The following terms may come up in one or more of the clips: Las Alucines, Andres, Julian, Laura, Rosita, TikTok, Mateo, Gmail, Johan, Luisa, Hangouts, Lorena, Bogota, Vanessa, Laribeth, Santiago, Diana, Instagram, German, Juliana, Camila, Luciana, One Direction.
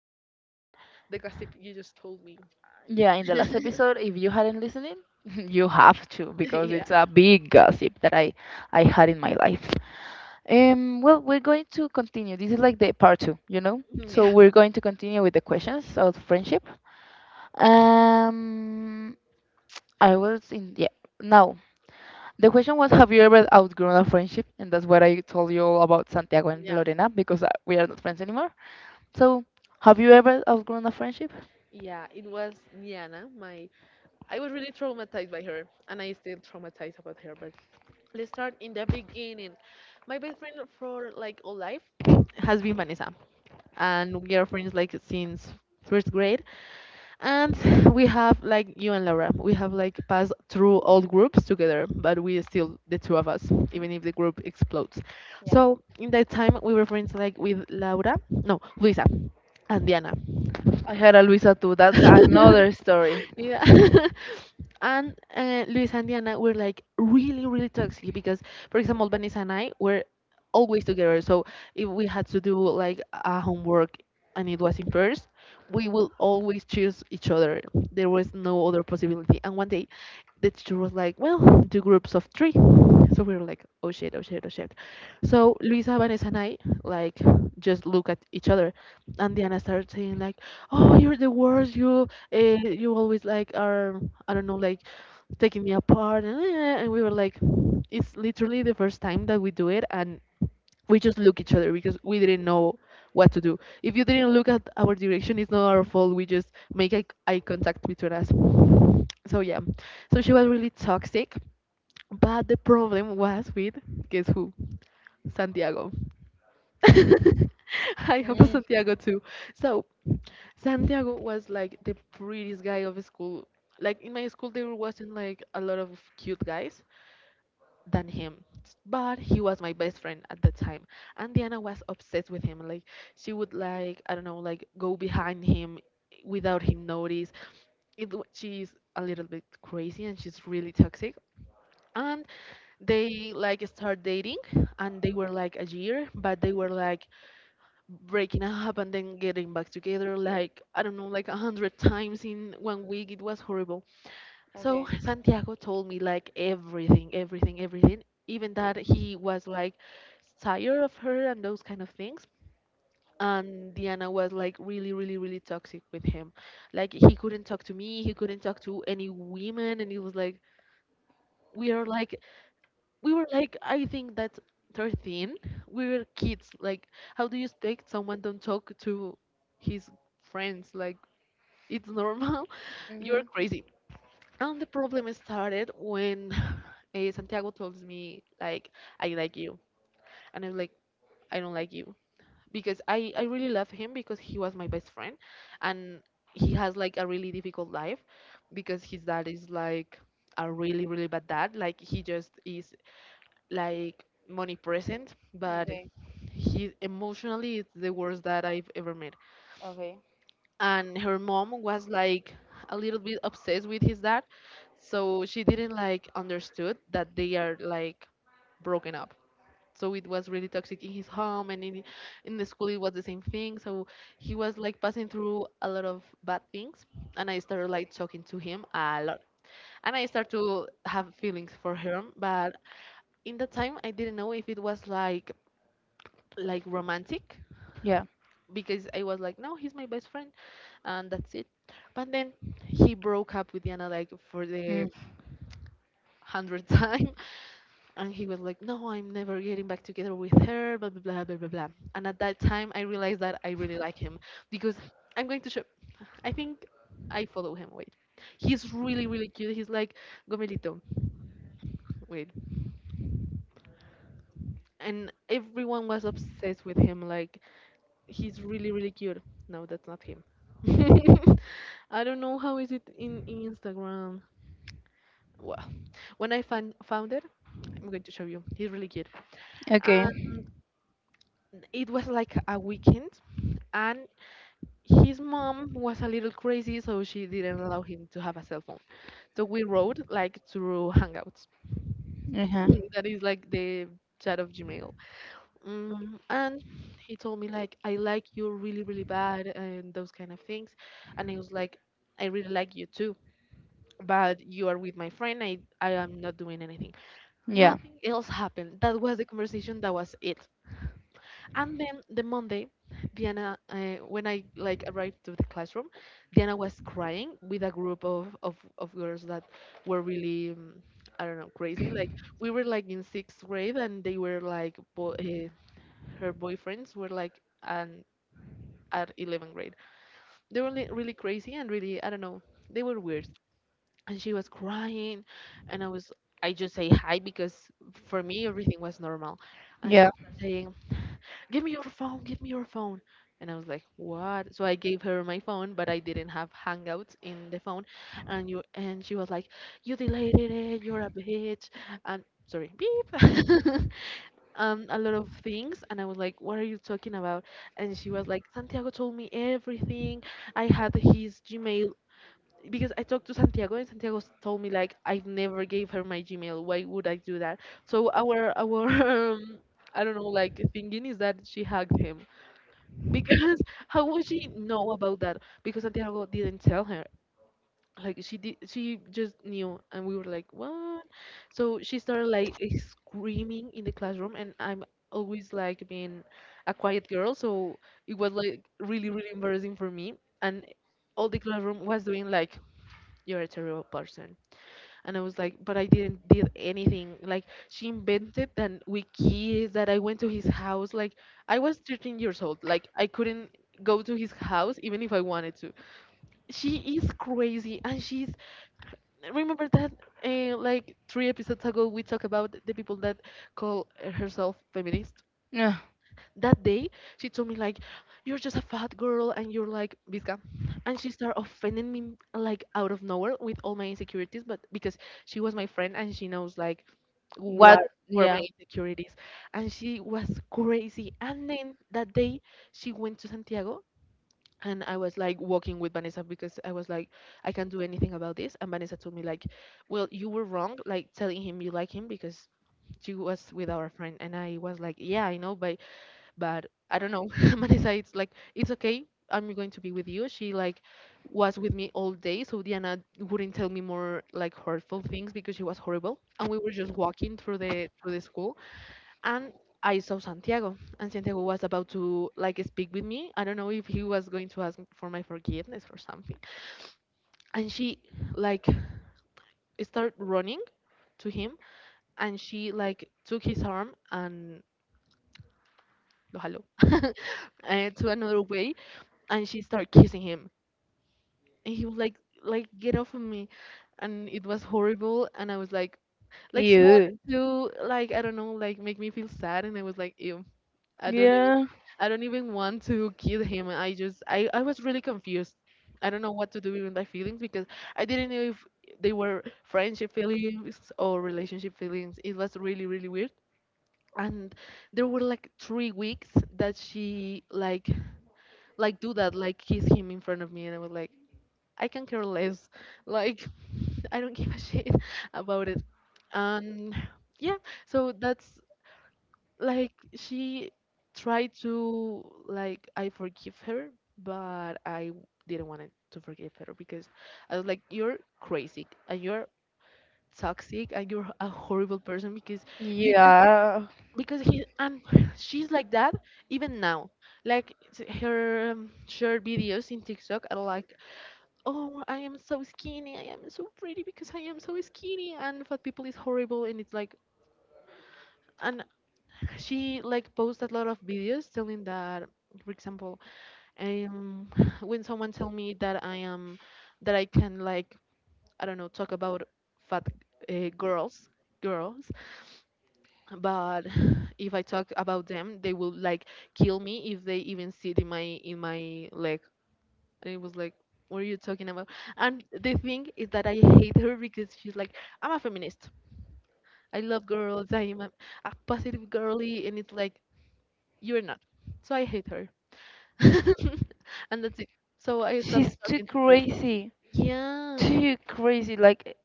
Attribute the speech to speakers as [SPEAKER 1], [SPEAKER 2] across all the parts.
[SPEAKER 1] surprised about the gossip you just told me.
[SPEAKER 2] Yeah, in the last episode, if you hadn't listened, you have to because
[SPEAKER 1] Yeah,
[SPEAKER 2] it's a big gossip that I had in my life. Well, we're going to continue. This is like the part two. So
[SPEAKER 1] yeah,
[SPEAKER 2] we're going to continue with the questions of friendship. Um, I was in yeah. Now, the question was, have you ever outgrown a friendship? And that's what I told you all about Santiago and
[SPEAKER 1] yeah,
[SPEAKER 2] Lorena because we are not friends anymore. So, have you ever outgrown a friendship?
[SPEAKER 1] yeah. It was Niana. I was really traumatized by her, and I still traumatized about her. But let's start in the beginning. My best friend for like all life has been Vanessa, and we are friends like since first grade. And we have like you and Laura, we have like passed through all groups together, but we are still the two of us, even if the group explodes. So in that time, we were friends like with Laura, no, Luisa and Diana.
[SPEAKER 2] I had a Luisa too. That's another story.
[SPEAKER 1] Yeah. And Luis and Diana were like really, really toxic because, for example, Vanessa and I were always together. So if we had to do like a homework and it was in pairs, we will always choose each other. There was no other possibility. And one day, the teacher was like, "Well, do groups of three." So we were like, "Oh shit! Oh shit! Oh shit!" So Luisa, Vanessa, and I like just look at each other, and Diana started saying like, "Oh, you're the worst. You always like are, I don't know, like taking me apart." And we were like, it's literally the first time that we do it, and we just look each other because we didn't know what to do. If you didn't look at our direction, it's not our fault. We just make eye contact between us. So yeah, so she was really toxic, but the problem was with guess who? Santiago. I have a
[SPEAKER 2] Mm,
[SPEAKER 1] Santiago too. So Santiago was like the prettiest guy of school. Like in my school, there wasn't like a lot of cute guys than him, but he was my best friend at the time. And Diana was obsessed with him. Like she would, like, I don't know, like go behind him without him notice. She's a little bit crazy and she's really toxic. And they like start dating and they were like a year, but they were like breaking up and then getting back together like, I don't know, like a hundred times in one week. It was horrible. So
[SPEAKER 2] okay.
[SPEAKER 1] Santiago told me like everything, everything, everything, even that he was like tired of her and those kind of things. And Diana was like really, really, really toxic with him. Like he couldn't talk to me, he couldn't talk to any women, and it was like we are like we were like I think that's 13. We were kids. Like, how do you expect someone don't talk to his friends? Like, it's normal. You're
[SPEAKER 2] Mhm.
[SPEAKER 1] crazy. And the problem started when Santiago tells me like, I like you. And I was like, I don't like you. Because I really love him, because he was my best friend. And he has like a really difficult life because his dad is like a really really bad dad. Like, he just is like money present, but
[SPEAKER 2] Okay.
[SPEAKER 1] he emotionally is the worst dad I've ever met.
[SPEAKER 2] Okay.
[SPEAKER 1] And her mom was like a little bit obsessed with his dad, so she didn't like understood that they are like broken up. So it was really toxic in his home and in the school it was the same thing. So he was like passing through a lot of bad things, and I started like talking to him a lot. And I started to have feelings for him, but in that time I didn't know if it was like romantic,
[SPEAKER 2] Yeah.
[SPEAKER 1] because I was like, no, he's my best friend, and that's it. But then he broke up with Diana like for
[SPEAKER 2] Mm.
[SPEAKER 1] the 100th time, and he was like, no, I'm never getting back together with her, blah blah blah blah blah blah. And at that time, I realized that I really like him because I'm going to show. I think I follow him. Wait. He's really, really cute. He's like Gomelito. Wait. And everyone was obsessed with him. Like, he's really really cute. No, that's not him. I don't know how is it in Instagram. Well, when I find found it, I'm going to show you. He's really cute.
[SPEAKER 2] Okay.
[SPEAKER 1] And it was like a weekend, and his mom was a little crazy, so she didn't allow him to have a cell phone. So we wrote like through Hangouts.
[SPEAKER 2] Uh-huh.
[SPEAKER 1] That is like the chat of Gmail. And he told me like, I like you really really bad, and those kind of things. And I was like, I really like you too, but you are with my friend. I am not doing anything.
[SPEAKER 2] Yeah.
[SPEAKER 1] Nothing else happened. That was the conversation, that was it. And then the Monday, Diana, when I like arrived to the classroom, Diana was crying with a group of girls that were really, I don't know, crazy. Like, we were like in sixth grade, and they were like her boyfriends were like an at 11th grade. They were really crazy and really, I don't know. They were weird. And she was crying, and I just say hi because for me everything was normal, and
[SPEAKER 2] Yeah.
[SPEAKER 1] she was saying, give me your phone, give me your phone. And I was like, what? So I gave her my phone, but I didn't have Hangouts in the phone. And she was like, you deleted it, you're a bitch. And sorry, beep. A lot of things, and I was like, what are you talking about? And she was like, Santiago told me everything. I had his Gmail. Because I talked to Santiago, and told me like, I've never gave her my Gmail. Why would I do that? So our um, I don't know, like, thinking is that she hugged him, because how would she know about that? Because Santiago didn't tell her. Like, she did, she just knew, and we were like, what? So she started like, screaming in the classroom, and I'm always like being a quiet girl, so it was like really really embarrassing for me, and all the classroom was doing like, you're a terrible person. And I was like, but I didn't did anything. Like, she invented that we kissed, that I went to his house. Like, I was 13 years old. Like, I couldn't go to his house even if I wanted to. She is crazy, and she's remember that, like three episodes ago we talked about the people that call herself feminist,
[SPEAKER 2] Yeah.
[SPEAKER 1] that day she told me like, you're just a fat girl and you're like Vizca. And she started offending me like out of nowhere with all my insecurities, but because she was my friend and she knows like
[SPEAKER 2] What?
[SPEAKER 1] what were
[SPEAKER 2] Yeah.
[SPEAKER 1] my insecurities. And she was crazy, and then that day she went to Santiago, and I was like walking with Vanessa, because I was like, I can't do anything about this. And Vanessa told me like, well, you were wrong like telling him you like him, because she was with our friend. And I was like, yeah, I know, but I don't know. Marisa, it's okay, I'm going to be with you. She like was with me all day, so Diana wouldn't tell me more like hurtful things, because she was horrible. And we were just walking through the school, and I saw Santiago, and Santiago was about to like speak with me. I don't know if he was going to ask for my forgiveness or something. And she like started running to him, and she like took his arm and lo jaló to another way, and she started kissing him, and he was like get off of me. And it was horrible, and I was like she
[SPEAKER 2] You.
[SPEAKER 1] wanted to, like, I don't know, like make me feel sad, and I was like, ew, i don't even
[SPEAKER 2] Yeah.
[SPEAKER 1] I don't even want to kill him. I was really confused. I don't know what to do with my feelings, because I didn't know if they were friendship feelings or relationship feelings. It was really really weird. And there were like 3 weeks that she like do that, like kiss him in front of me. And I was like, I can care less. Like, I don't give a shit about it. And yeah, so that's like she tried to like I forgive her, but I didn't want to forgive her, because I was like, you're crazy, and you're toxic, and you're a horrible person, because you just,
[SPEAKER 2] Yeah.
[SPEAKER 1] because he, and she's like that even now. Like, her short videos in TikTok are like, "Oh, I am so skinny, I am so pretty because I am so skinny, and fat people is horrible." And it's like, and she like posts a lot of videos telling that, for example, um, when someone tell me that I am, that I can like, I don't know, talk about fat uh, girls, girls, but if I talk about them, they will like kill me if they even sit in my like. And it was like, what are you talking about? And the thing is that I hate her because she's like, I'm a feminist. I love girls. I'm a positive girly. And it's like, you're not. So I hate her. And that's it. So I stopped
[SPEAKER 2] She's too
[SPEAKER 1] talking to her.
[SPEAKER 2] crazy.
[SPEAKER 1] Yeah.
[SPEAKER 2] Too crazy. Like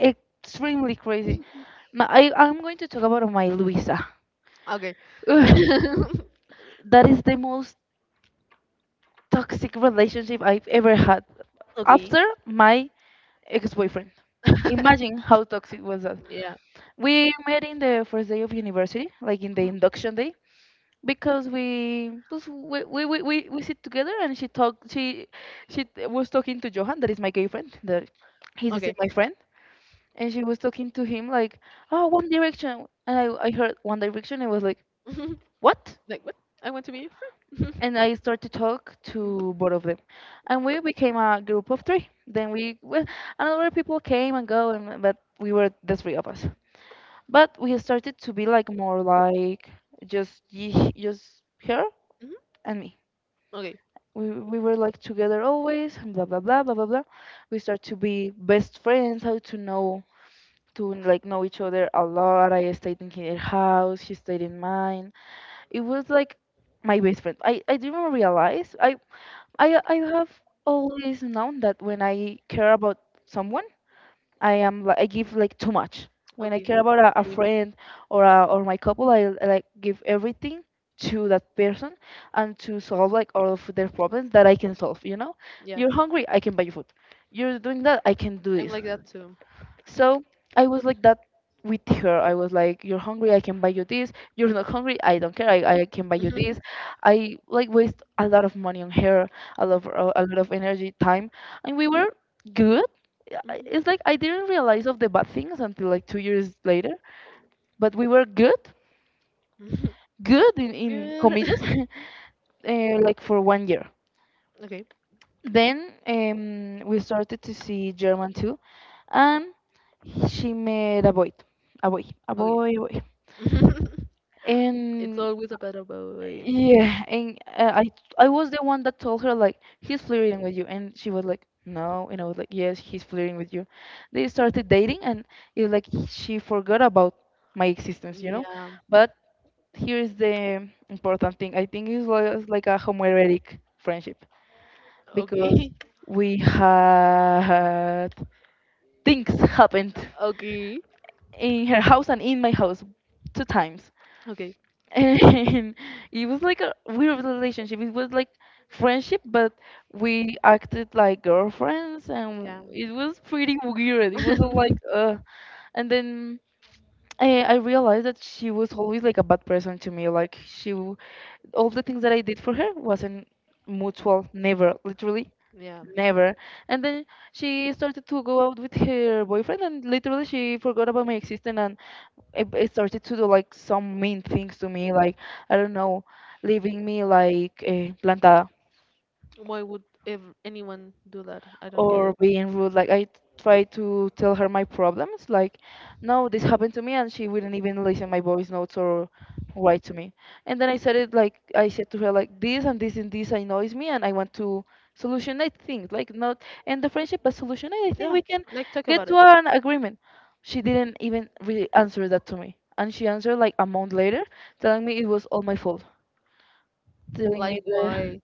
[SPEAKER 2] extremely crazy. I'm going to talk about my Luisa.
[SPEAKER 1] Okay.
[SPEAKER 2] Ugh, that is the most toxic relationship I've ever had
[SPEAKER 1] Okay.
[SPEAKER 2] after my ex boyfriend. Imagine how toxic was that.
[SPEAKER 1] Yeah.
[SPEAKER 2] We met in the first day of university, like in the
[SPEAKER 1] Hmm.
[SPEAKER 2] induction day, because we sit together, and she talked she t- was talking to Johan that is my gay friend that he's still
[SPEAKER 1] Okay.
[SPEAKER 2] my friend, and she was talking to him like, oh, One Direction, and I heard One Direction and was like,
[SPEAKER 1] Mhm.
[SPEAKER 2] what?
[SPEAKER 1] Like, what? I want to be your friend.
[SPEAKER 2] And I started to talk
[SPEAKER 1] Hmm.
[SPEAKER 2] to both of them, and we became a group of three. Then we well, and other people came and go, and but we were the three of us, but we started to be like more like just her
[SPEAKER 1] Hmm.
[SPEAKER 2] and me.
[SPEAKER 1] Okay.
[SPEAKER 2] We were like together always, and blah blah blah blah blah blah. We start to be best friends, how to know, to like know each other a lot. I stayed in her house. She stayed in mine. It was like my best friend. I didn't realize I have always known that when I care about someone, I give like too much. When I
[SPEAKER 1] Okay.
[SPEAKER 2] care about a
[SPEAKER 1] Same.
[SPEAKER 2] friend or my couple, I like give everything to that person, and to solve like all of their problems that I can solve. You know,
[SPEAKER 1] Yeah.
[SPEAKER 2] you're hungry, I can buy you food. You're doing that, I can do
[SPEAKER 1] I'm
[SPEAKER 2] this.
[SPEAKER 1] like that too.
[SPEAKER 2] So I was like that with her. I was like, "You're hungry, I can buy you this. You're not hungry, I don't care. I can buy you this." I like waste a lot of money on her, a lot of energy, time, and we were good. It's
[SPEAKER 1] Mhm.
[SPEAKER 2] like I didn't realize of the bad things until like 2 years later, but we were good,
[SPEAKER 1] Mhm.
[SPEAKER 2] good in
[SPEAKER 1] Good.
[SPEAKER 2] comillas, like for one year.
[SPEAKER 1] Okay.
[SPEAKER 2] Then we started to see German too, and she met a boy, a boy, a
[SPEAKER 1] Okay.
[SPEAKER 2] boy, a boy.
[SPEAKER 1] It's
[SPEAKER 2] And
[SPEAKER 1] always a bad boy.
[SPEAKER 2] yeah, and I was the one that told her like, he's flirting with you, and she was like, no, and I was like, yes, he's flirting with you. They started dating, and it's like she forgot about my existence. you know
[SPEAKER 1] Yeah.
[SPEAKER 2] but here is the important thing. I think it was like a homoerotic friendship because
[SPEAKER 1] Okay.
[SPEAKER 2] we had things happened
[SPEAKER 1] Okay.
[SPEAKER 2] in her house and in my house two times.
[SPEAKER 1] Okay.
[SPEAKER 2] And it was like a weird relationship. It was like friendship, but we acted like girlfriends, and
[SPEAKER 1] Yeah.
[SPEAKER 2] it was pretty weird. It was all like, and then I realized that she was always like a bad person to me. Like all the things that I did for her wasn't mutual, never, literally.
[SPEAKER 1] Yeah.
[SPEAKER 2] Never, and then she started to go out with her boyfriend, and literally she forgot about my existence. It started to do like some mean things to me, like, I don't know, leaving me like plantada,
[SPEAKER 1] Why would ever anyone do that? I don't get
[SPEAKER 2] or
[SPEAKER 1] it.
[SPEAKER 2] being rude. Like I try to tell her my problems, like, no, this happened to me, and she wouldn't even listen my voice notes or write to me. And then I said it, like I said to her like this and this and this annoys me, and I want to solutionate things. Like not and the friendship, but solutionate. I think
[SPEAKER 1] Yeah.
[SPEAKER 2] we can
[SPEAKER 1] Like, talk
[SPEAKER 2] get
[SPEAKER 1] about
[SPEAKER 2] to
[SPEAKER 1] it.
[SPEAKER 2] an agreement. She didn't even really answer that to me, and she answered like a month later, telling me it was all my fault, telling me
[SPEAKER 1] Like,
[SPEAKER 2] the
[SPEAKER 1] why?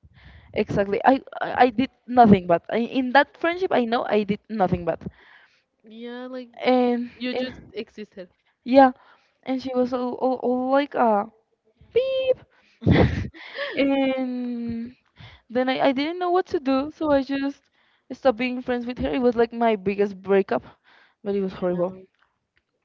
[SPEAKER 2] Exactly. I did nothing but I, in that friendship I know I did nothing but
[SPEAKER 1] Yeah, like
[SPEAKER 2] and
[SPEAKER 1] you just existed.
[SPEAKER 2] yeah, and she was all like a beep, and then I didn't know what to do, so I just stopped being friends with her. It was like my biggest breakup, but it was horrible.
[SPEAKER 1] Yeah.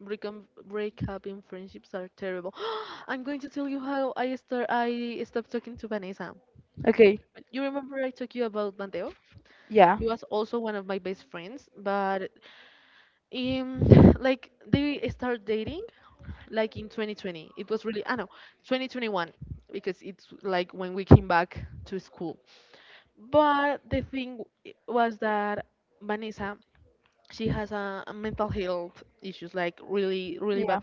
[SPEAKER 1] Breakup in friendships are terrible. I'm going to tell you how I start. I stopped talking to Vanessa.
[SPEAKER 2] Okay.
[SPEAKER 1] You remember I talked you about Mateo?
[SPEAKER 2] Yeah.
[SPEAKER 1] He was also one of my best friends, but um, like they started dating like in 2020. It was really, I know, 2021 because it's like when we came back to school. But the thing was that Vanessa, she has a mental health issues, like really really
[SPEAKER 2] Yeah.
[SPEAKER 1] bad.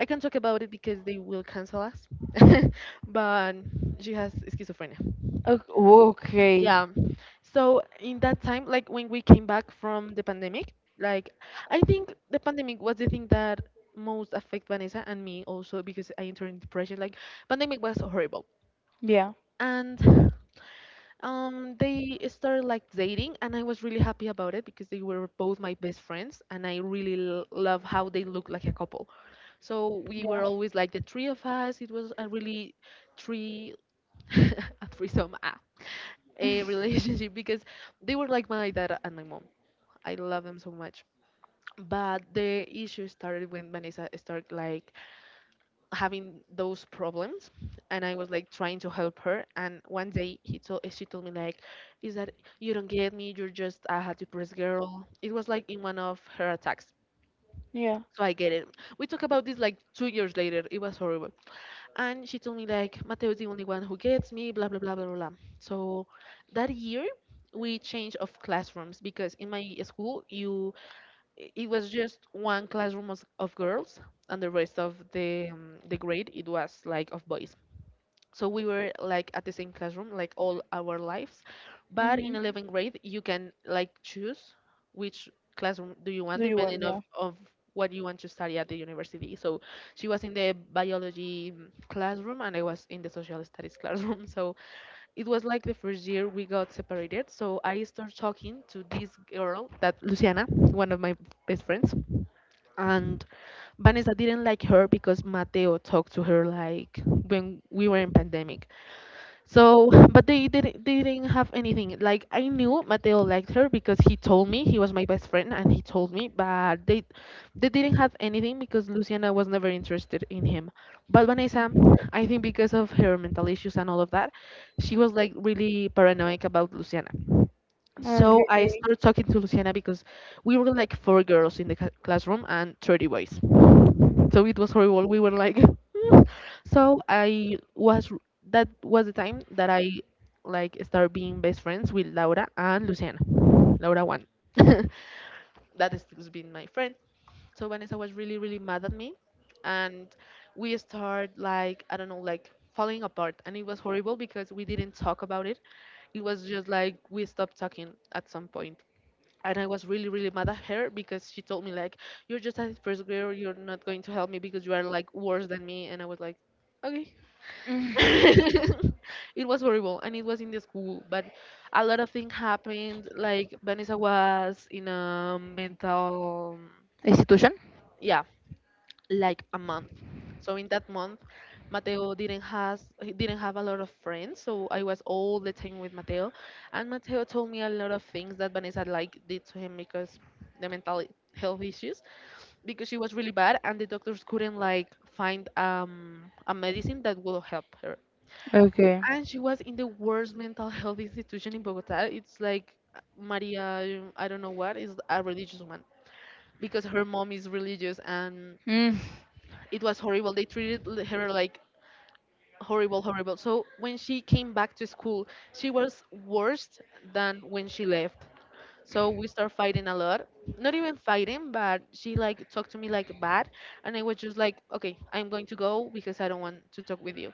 [SPEAKER 1] I can't talk about it because they will cancel us. But she has schizophrenia.
[SPEAKER 2] Okay.
[SPEAKER 1] Yeah. So in that time, like when we came back from the pandemic, like I think the pandemic was the thing that most affect Vanessa and me also because I entered in depression. Like, pandemic was horrible.
[SPEAKER 2] Yeah.
[SPEAKER 1] And they started like dating, and I was really happy about it because they were both my best friends, and I really l love how they look like a couple. So we
[SPEAKER 2] Yeah.
[SPEAKER 1] were always like the three of us. It was a really three, a threesome, a relationship because they were like my dad and my mom. I love them so much. But the issue started when Vanessa started like having those problems, and I was like trying to help her. And one day, he told she told me like, is that you don't get me, you're just a hot depressed girl. It was like in one of her attacks.
[SPEAKER 2] Yeah.
[SPEAKER 1] So
[SPEAKER 2] class,
[SPEAKER 1] I get it, we talk about this like 2 years later. It was horrible. And she told me like, Mateo is the only one who gets me, blah blah blah blah blah. So that year we changed of classrooms because in my school, it was just one classroom of girls, and the rest of the grade, it was like of boys. So we were like at the same classroom like all our lives, but in 11th grade you can like choose which classroom do you want, depending
[SPEAKER 2] Yeah.
[SPEAKER 1] of what you want to study at the university. So she was in the biology classroom, and I was in the social studies classroom. So it was like the first year we got separated. So I started talking to this girl, that Luciana, one of my best friends, and Vanessa didn't like her because Mateo talked to her like when we were in pandemic. So, but they didn't have anything. Like, I knew Mateo liked her because he told me, he was my best friend and he told me, but they didn't have anything because Luciana was never interested in him. But Vanessa, I think because of her mental issues and all of that, she was like really paranoid about Luciana.
[SPEAKER 2] Yeah.
[SPEAKER 1] So I
[SPEAKER 2] Okay.
[SPEAKER 1] started talking to Luciana because we were like four girls in the classroom and 30 boys, so it was horrible, we were like so I was that was the time that I like started being best friends with Laura and Luciana, Laura one, that is has still been my friend. So Vanessa was really really mad at me, and we started like, I don't know, like falling apart, and it was horrible because we didn't talk about it. It was just like we stopped talking at some point. And I was really, really mad at her because she told me like, You're just a first grader. You're not going to help me because you are like worse than me. And I was like, Okay.
[SPEAKER 2] Mm.
[SPEAKER 1] It was horrible, and it was in the school, but a lot of things happened. Like, Vanessa was in a mental,
[SPEAKER 2] Institution?
[SPEAKER 1] yeah, like a month. So in that month, Mateo didn't has he didn't have a lot of friends, so I was all the time with Mateo, and Mateo told me a lot of things that Vanessa like did to him because the mental health issues, because she was really bad, and the doctors couldn't like find a medicine that will help her,
[SPEAKER 2] Okay.
[SPEAKER 1] and she was in the worst mental health institution in Bogota. It's like Maria, I don't know what, is
[SPEAKER 2] do
[SPEAKER 1] a religious one because her mom is religious and
[SPEAKER 2] and Mm.
[SPEAKER 1] it was horrible. They treated her like horrible, horrible. So when she came back to school, she was worse than when she left. So we start fighting a lot. Not even fighting, but she like talked to me like bad, and I was just like, okay, I'm going to go because I don't want to talk with you.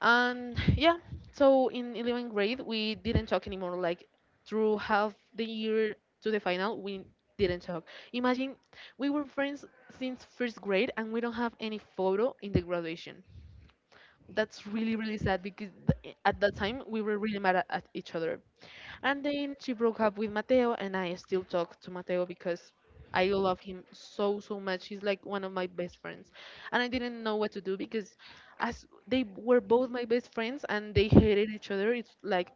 [SPEAKER 1] And yeah, so in 11th grade, we didn't talk anymore. Like, through half the year to the final, we didn't talk. Imagine, we were friends since first grade and we don't have any photo in the graduation. That's really, really sad because at that time we were really mad at each other, and then she broke up with Mateo, and I still talk to Mateo because I love him so, so much. He's like one of my best friends. And I didn't know what to do because as they were both my best friends and they hated each other, it's like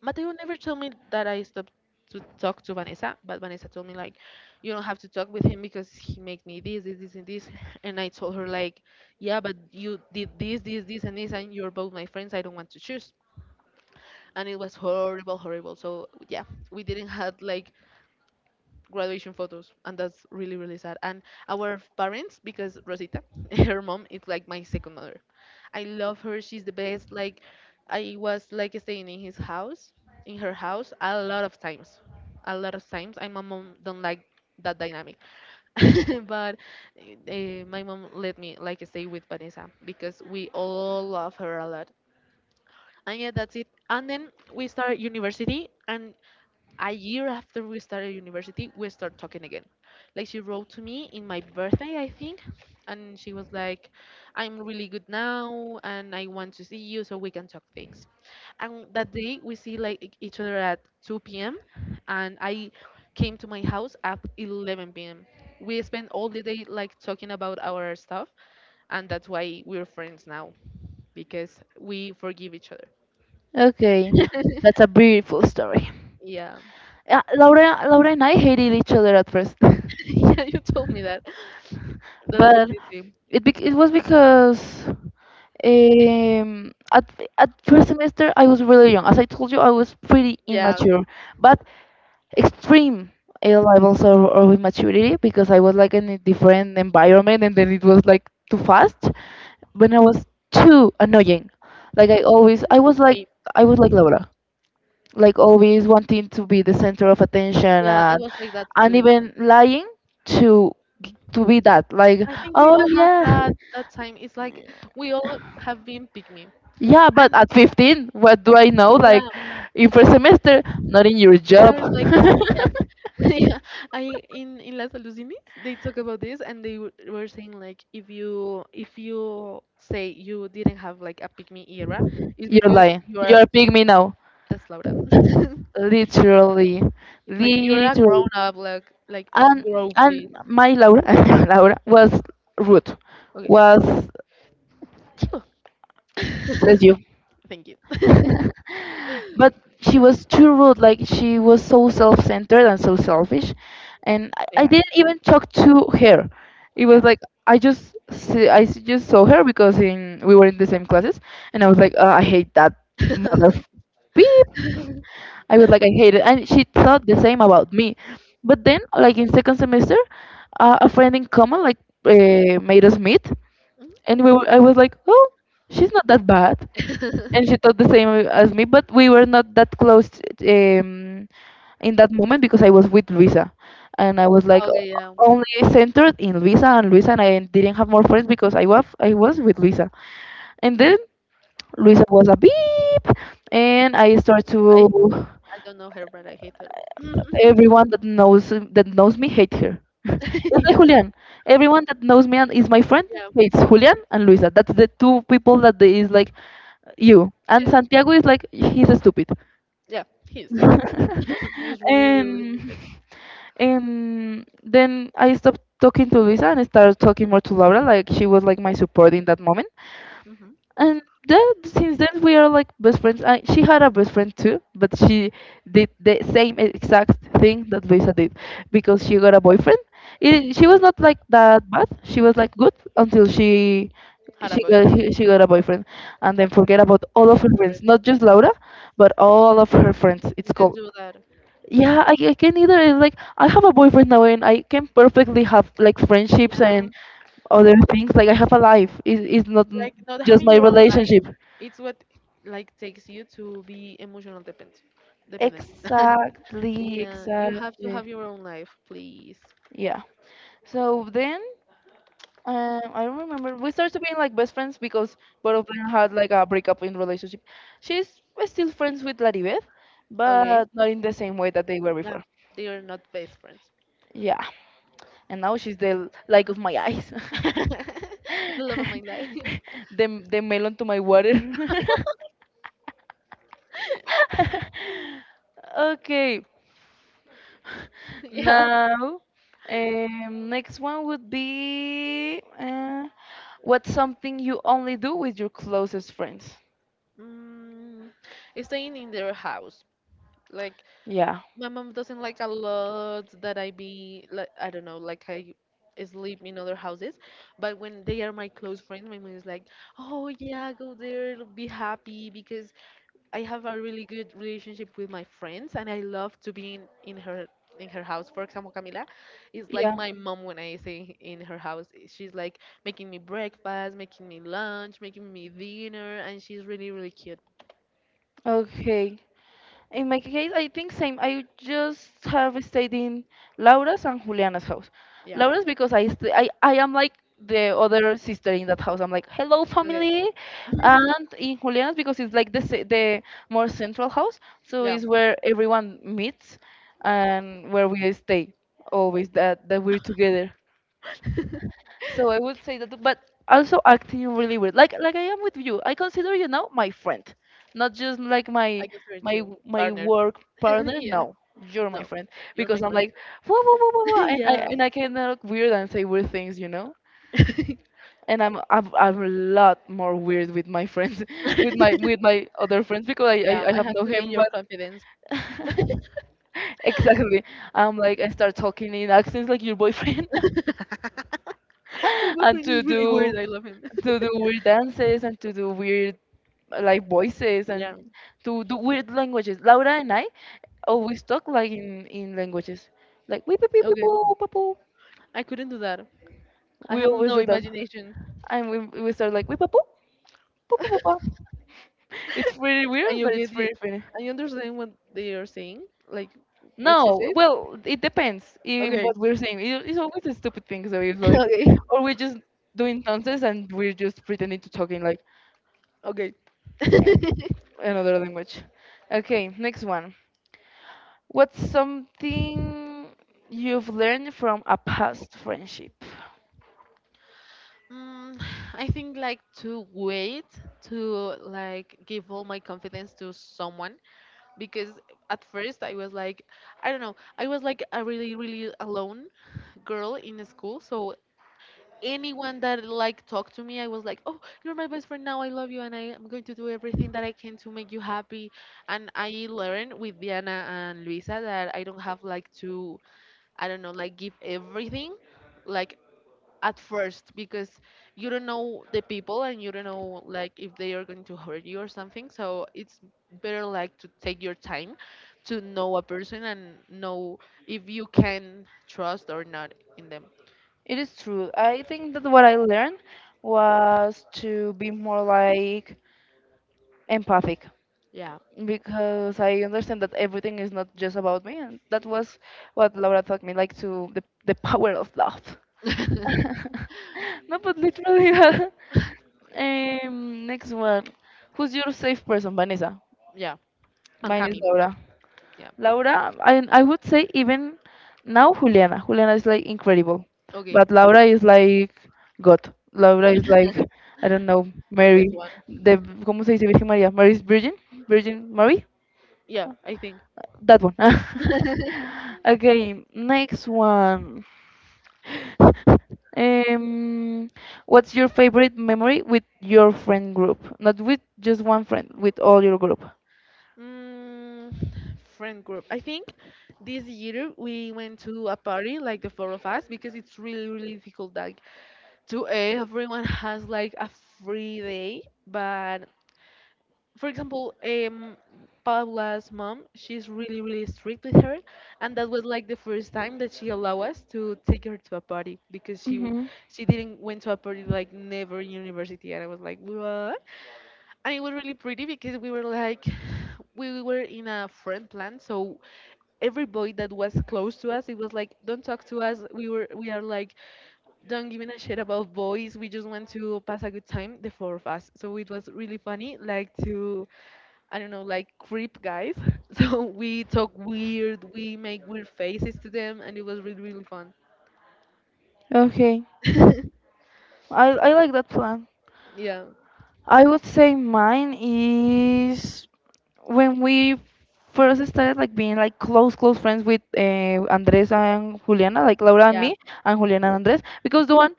[SPEAKER 1] Mateo never told me that I stopped to talk to Vanessa, but Vanessa told me like, you don't have to talk with him because he make me this, this, this and this, and I told her like, Yeah, but you did this, this, this and this and you're both my friends, I don't want to choose, and it was horrible, horrible. So yeah, we didn't have like graduation photos, and that's really, really sad. And our parents, because Rosita, her mom, is like my second mother. I love her. She's the best. Like, I was like staying in her house, a lot of times, a lot of times. And my mom don't like that dynamic. But my mom let me like stay with Vanessa because we all love her a lot. And yeah, that's it. And then we start university, and a year after we started university, we start talking again. Like, she wrote to me in my birthday, I think, and she was like, I'm really good now and I want to see you so we can talk things. And that day we see like each other at 2 p.m. and I came to my house at 11 p.m. We spent all the day like talking about our stuff, and that's why we're friends now because we forgive each
[SPEAKER 2] Okay.
[SPEAKER 1] other.
[SPEAKER 2] That's a beautiful story.
[SPEAKER 1] Yeah.
[SPEAKER 2] Yeah, Laura and I hated each other at first.
[SPEAKER 1] Yeah, you told me that. That's
[SPEAKER 2] But
[SPEAKER 1] crazy.
[SPEAKER 2] it was because at first semester I was really young. As I told you, I was pretty
[SPEAKER 1] Yeah,
[SPEAKER 2] immature, but extreme levels of immaturity because I was like in a different environment, and then it was like too fast. When I was too annoying, like I always
[SPEAKER 1] me.
[SPEAKER 2] I was like Laura, like always wanting to be the center of attention,
[SPEAKER 1] Yeah, I
[SPEAKER 2] and
[SPEAKER 1] was like that
[SPEAKER 2] and
[SPEAKER 1] too.
[SPEAKER 2] even lying to to be that like,
[SPEAKER 1] I think we
[SPEAKER 2] oh
[SPEAKER 1] all have
[SPEAKER 2] yeah.
[SPEAKER 1] that time. It's like, we all have been pick me.
[SPEAKER 2] Yeah,
[SPEAKER 1] And
[SPEAKER 2] but at 15, what do I know? Like,
[SPEAKER 1] yeah,
[SPEAKER 2] in first semester, not in your
[SPEAKER 1] I
[SPEAKER 2] job.
[SPEAKER 1] was like that. Yeah. Yeah. I in Las Alucines, they talk about this and they were saying like, if you say you didn't have like a pick me era, it's
[SPEAKER 2] You're
[SPEAKER 1] because
[SPEAKER 2] lying.
[SPEAKER 1] you are.
[SPEAKER 2] You're a pygmy now.
[SPEAKER 1] That's Laura.
[SPEAKER 2] Literally.
[SPEAKER 1] It's like, you're a grown
[SPEAKER 2] Literally.
[SPEAKER 1] up, like
[SPEAKER 2] And
[SPEAKER 1] grow, please.
[SPEAKER 2] and my Laura Laura was rude.
[SPEAKER 1] Okay.
[SPEAKER 2] Was bless you.
[SPEAKER 1] Thank you.
[SPEAKER 2] But she was too rude. Like she was so self-centered and so selfish, and I
[SPEAKER 1] Yeah.
[SPEAKER 2] didn't even talk to her. It
[SPEAKER 1] Yeah.
[SPEAKER 2] was like I just saw her because in we were in the same classes, and I was
[SPEAKER 1] Mhm.
[SPEAKER 2] like, I hate that
[SPEAKER 1] Mhm.
[SPEAKER 2] mother f- beep. I was like, I hate it, and she thought the same about me. But then, like in second semester, a friend in common, like, made us meet, and I was like, oh, she's not that bad, and she thought the same as me, but we were not that close, um, in that moment because I was with Luisa, and I was like
[SPEAKER 1] Okay, yeah.
[SPEAKER 2] only centered in Luisa and Luisa, and I didn't have more friends because I was with Luisa, and then Luisa was a beep, and I start
[SPEAKER 1] I
[SPEAKER 2] to
[SPEAKER 1] I don't know her, but I hate her.
[SPEAKER 2] everyone that knows me hate her. It's
[SPEAKER 1] Yeah,
[SPEAKER 2] like Julian. Everyone that knows me and is my friend
[SPEAKER 1] yeah,
[SPEAKER 2] hates Julian and Luisa. That's the two people that they is like you. And
[SPEAKER 1] yeah,
[SPEAKER 2] Santiago is like, he's stupid.
[SPEAKER 1] yeah. He's he's really really
[SPEAKER 2] and
[SPEAKER 1] stupid.
[SPEAKER 2] and then I stopped talking to Luisa and started talking more to Laura. Like, she was like my support in that moment.
[SPEAKER 1] Hmm.
[SPEAKER 2] And then since then we are like best friends. She had a best friend too, but she did the same exact thing that Luisa did because she got a boyfriend. It, she was not like that bad. She was like good until she
[SPEAKER 1] Had a
[SPEAKER 2] she got
[SPEAKER 1] boyfriend.
[SPEAKER 2] he- she got a boyfriend, and then forget about all of her friends,
[SPEAKER 1] Horrible.
[SPEAKER 2] not just Laura, but all of her friends.
[SPEAKER 1] You
[SPEAKER 2] It's
[SPEAKER 1] can
[SPEAKER 2] called
[SPEAKER 1] do that.
[SPEAKER 2] yeah, I can either. It's like I have a boyfriend now, and I can perfectly have like friendships
[SPEAKER 1] Yeah,
[SPEAKER 2] and other things. Like I have a life. It's not
[SPEAKER 1] like not
[SPEAKER 2] just
[SPEAKER 1] having
[SPEAKER 2] my
[SPEAKER 1] your own. Life,
[SPEAKER 2] relationship.
[SPEAKER 1] it's what like takes you to be emotional dependent. Dependent.
[SPEAKER 2] Exactly,
[SPEAKER 1] Yeah, you have to
[SPEAKER 2] exactly.
[SPEAKER 1] have your own life, please.
[SPEAKER 2] Yeah. So then, I don't remember. We started being like best friends because both of them had like a breakup in relationship. She's still friends with Laribeth, but
[SPEAKER 1] Okay.
[SPEAKER 2] not in the same way that they were
[SPEAKER 1] Yeah,
[SPEAKER 2] before.
[SPEAKER 1] they are not best friends.
[SPEAKER 2] Yeah. And now she's the light of my eyes.
[SPEAKER 1] The love of my life.
[SPEAKER 2] the melon to my water. Okay.
[SPEAKER 1] Yeah.
[SPEAKER 2] Now, next one would be what's something you only do with your closest friends?
[SPEAKER 1] Mm, staying in their house. Like,
[SPEAKER 2] Yeah.
[SPEAKER 1] my mom doesn't like a lot that I be like, I don't know, like I sleep in other houses. But when they are my close friends, my mom is like, Oh yeah, go there, be happy because I have a really good relationship with my friends, and I love to be in her house. For example, Camila is
[SPEAKER 2] Yeah.
[SPEAKER 1] like my mom when I say in her house. She's like making me breakfast, making me lunch, making me dinner, and she's really really cute.
[SPEAKER 2] Okay. In my case, I think same. I just have stayed in Laura's and Juliana's house.
[SPEAKER 1] Yeah.
[SPEAKER 2] Laura's because I am like the other sister in that house. I'm like, hello
[SPEAKER 1] Okay.
[SPEAKER 2] family. And in Juliana's because it's like the more central house, so
[SPEAKER 1] Yeah.
[SPEAKER 2] it's where everyone meets and where we stay always that that we're together. So I would say that, but also acting really weird. Like I am with you. I consider you now my friend, not just like
[SPEAKER 1] I
[SPEAKER 2] my
[SPEAKER 1] consider
[SPEAKER 2] my
[SPEAKER 1] you
[SPEAKER 2] my
[SPEAKER 1] partner.
[SPEAKER 2] work partner.
[SPEAKER 1] Yeah.
[SPEAKER 2] No, you're my
[SPEAKER 1] No,
[SPEAKER 2] friend
[SPEAKER 1] you're my
[SPEAKER 2] because I'm
[SPEAKER 1] friend.
[SPEAKER 2] like, whoa whoa whoa whoa, whoa,"
[SPEAKER 1] Yeah.
[SPEAKER 2] and I can look weird and say weird things, you know. And I'm a lot more weird with my friends, with my with my other friends because I
[SPEAKER 1] Yeah.
[SPEAKER 2] I, I
[SPEAKER 1] I
[SPEAKER 2] have
[SPEAKER 1] have
[SPEAKER 2] no
[SPEAKER 1] to gain
[SPEAKER 2] him,
[SPEAKER 1] your
[SPEAKER 2] but.
[SPEAKER 1] confidence.
[SPEAKER 2] Exactly. I'm like, I start talking in accents like your boyfriend,
[SPEAKER 1] My
[SPEAKER 2] and
[SPEAKER 1] boyfriend
[SPEAKER 2] to
[SPEAKER 1] is really
[SPEAKER 2] do
[SPEAKER 1] weird. I love him.
[SPEAKER 2] to do weird dances, and to do weird like voices, and
[SPEAKER 1] Yeah.
[SPEAKER 2] to do weird languages. Laura and I always talk like in languages. Like, we papu
[SPEAKER 1] Okay.
[SPEAKER 2] papu papu.
[SPEAKER 1] I couldn't do that. I
[SPEAKER 2] We
[SPEAKER 1] have
[SPEAKER 2] always
[SPEAKER 1] no
[SPEAKER 2] do that.
[SPEAKER 1] imagination.
[SPEAKER 2] And we start like, we papu papu papu. It's pretty
[SPEAKER 1] And
[SPEAKER 2] weird,
[SPEAKER 1] you
[SPEAKER 2] but it's
[SPEAKER 1] get it.
[SPEAKER 2] pretty funny.
[SPEAKER 1] And you understand what they are saying, like what she
[SPEAKER 2] No,
[SPEAKER 1] says.
[SPEAKER 2] well, it depends in
[SPEAKER 1] Okay.
[SPEAKER 2] what we're saying. It, it's always the stupid things that we like,
[SPEAKER 1] Okay.
[SPEAKER 2] or we're just doing nonsense, and we're just pretending to talking like
[SPEAKER 1] Okay.
[SPEAKER 2] uh, another language. Okay, next one. What's something you've learned from a past friendship?
[SPEAKER 1] Mm, I think, like, to wait, to like give all my confidence to someone, because at first I was like, I don't know, I was like a really, really alone girl in the school. So anyone that like talked to me, I was like, oh, you're my best friend now. I love you, and I am going to do everything that I can to make you happy. And I learned with Diana and Luisa that I don't have like to, I don't know, like give everything. Like at first, because you don't know the people and you don't know like if they are going to hurt you or something, so it's better like to take your time to know a person and know if you can trust or not in them.
[SPEAKER 2] It is true. I think that what I learned was to be more like empathic
[SPEAKER 1] Yeah.
[SPEAKER 2] because I understand that everything is not just about me, and that was what Laura taught me, like to the power of love. No, but literally that. Next one. Who's your safe person, Vanessa?
[SPEAKER 1] Yeah, and
[SPEAKER 2] Mine is
[SPEAKER 1] Cami.
[SPEAKER 2] Laura.
[SPEAKER 1] Yeah.
[SPEAKER 2] Laura. I would say even now Juliana. Juliana is like incredible,
[SPEAKER 1] Okay.
[SPEAKER 2] but Laura is like God. Laura is like, I don't know,
[SPEAKER 1] The best
[SPEAKER 2] Mary.
[SPEAKER 1] one.
[SPEAKER 2] The ¿cómo se dice Virgen María? Mary's Virgin, Virgin Mary.
[SPEAKER 1] Yeah, I think.
[SPEAKER 2] That one. Okay, next one. Um, what's your favorite memory with your friend group? Not with just one friend, with all your group.
[SPEAKER 1] Mm, friend group. I think this year we went to a party, like the four of us, because it's really, really difficult that to everyone has like a free day, but for example, Paula's mom, she's really really strict with her, and that was like the first time that she allowed us to take her to a party because
[SPEAKER 2] Hmm.
[SPEAKER 1] she didn't went to a party like never in university, and I was like, what. And it was really pretty because we were like we were in a friend plan, so every boy that was close to us, it was like, don't talk to us, we are like, don't giving a shit about boys. We just want to pass a good time, the four of us. So it was really funny, like to, I don't know, like creep guys. So we talk weird, we make weird faces to them, and it was really, really fun.
[SPEAKER 2] Okay, I like that plan.
[SPEAKER 1] Yeah,
[SPEAKER 2] I would say mine is when we first started like being like close close friends with Andres and Juliana, like Laura and
[SPEAKER 1] yeah,
[SPEAKER 2] me, and Juliana and Andres, because the one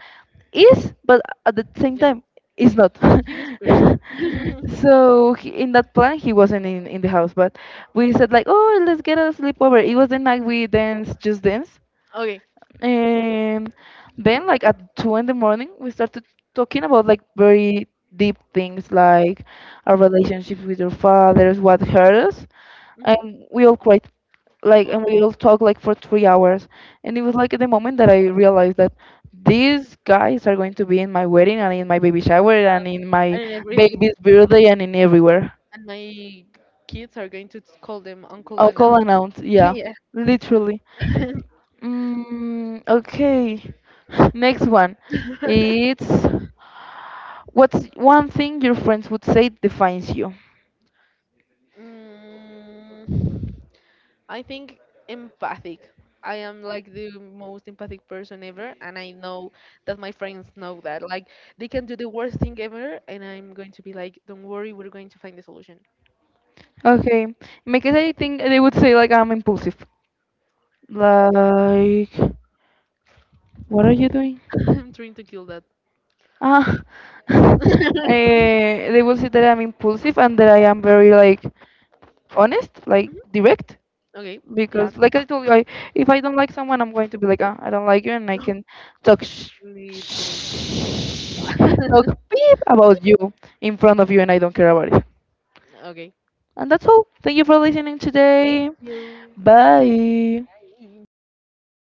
[SPEAKER 2] is, but at the same
[SPEAKER 1] yeah.
[SPEAKER 2] time is not.
[SPEAKER 1] He disappears.
[SPEAKER 2] So he, in that plan, he wasn't in the house, but we said like, oh, let's get a sleepover. It was the night we danced, just dance,
[SPEAKER 1] Okay.
[SPEAKER 2] and then, like at two in the morning, we started talking about like very deep things, like our relationship with your fathers, what hurt us,
[SPEAKER 1] Hmm.
[SPEAKER 2] and we all cried, like, and we
[SPEAKER 1] Oh,
[SPEAKER 2] all talked like for 3 hours. And it was like at the moment that I realized that these guys are going to be in my wedding and in my baby shower and in my
[SPEAKER 1] and everything.
[SPEAKER 2] baby's birthday and in everywhere.
[SPEAKER 1] And my kids are going to call them uncle
[SPEAKER 2] I'll
[SPEAKER 1] and
[SPEAKER 2] call
[SPEAKER 1] aunt.
[SPEAKER 2] announce, yeah,
[SPEAKER 1] Yeah.
[SPEAKER 2] literally. Mm, okay, next one. It's What's one thing your friends would say defines you?
[SPEAKER 1] Mm. I think empathic. I am like the most empathic person ever, and I know that my friends know that. Like, they can do the worst thing ever, and I'm going to be like, don't worry, we're going to find the solution.
[SPEAKER 2] Okay, because I think they would say like I'm impulsive. Like, what are you doing?
[SPEAKER 1] I'm trying to kill that.
[SPEAKER 2] Ah, they will say that I'm impulsive and that I am very like honest, like
[SPEAKER 1] Mhm,
[SPEAKER 2] direct.
[SPEAKER 1] okay, yeah,
[SPEAKER 2] Because like I told you, I, if I don't like someone, I'm going to be like, ah, I don't like you, and I can talk sh-
[SPEAKER 1] literally.
[SPEAKER 2] sh- talk beep about you in front of you, and I don't care about it.
[SPEAKER 1] Okay,
[SPEAKER 2] And that's all. Thank you for listening
[SPEAKER 1] thank
[SPEAKER 2] today.
[SPEAKER 1] you.
[SPEAKER 2] Bye.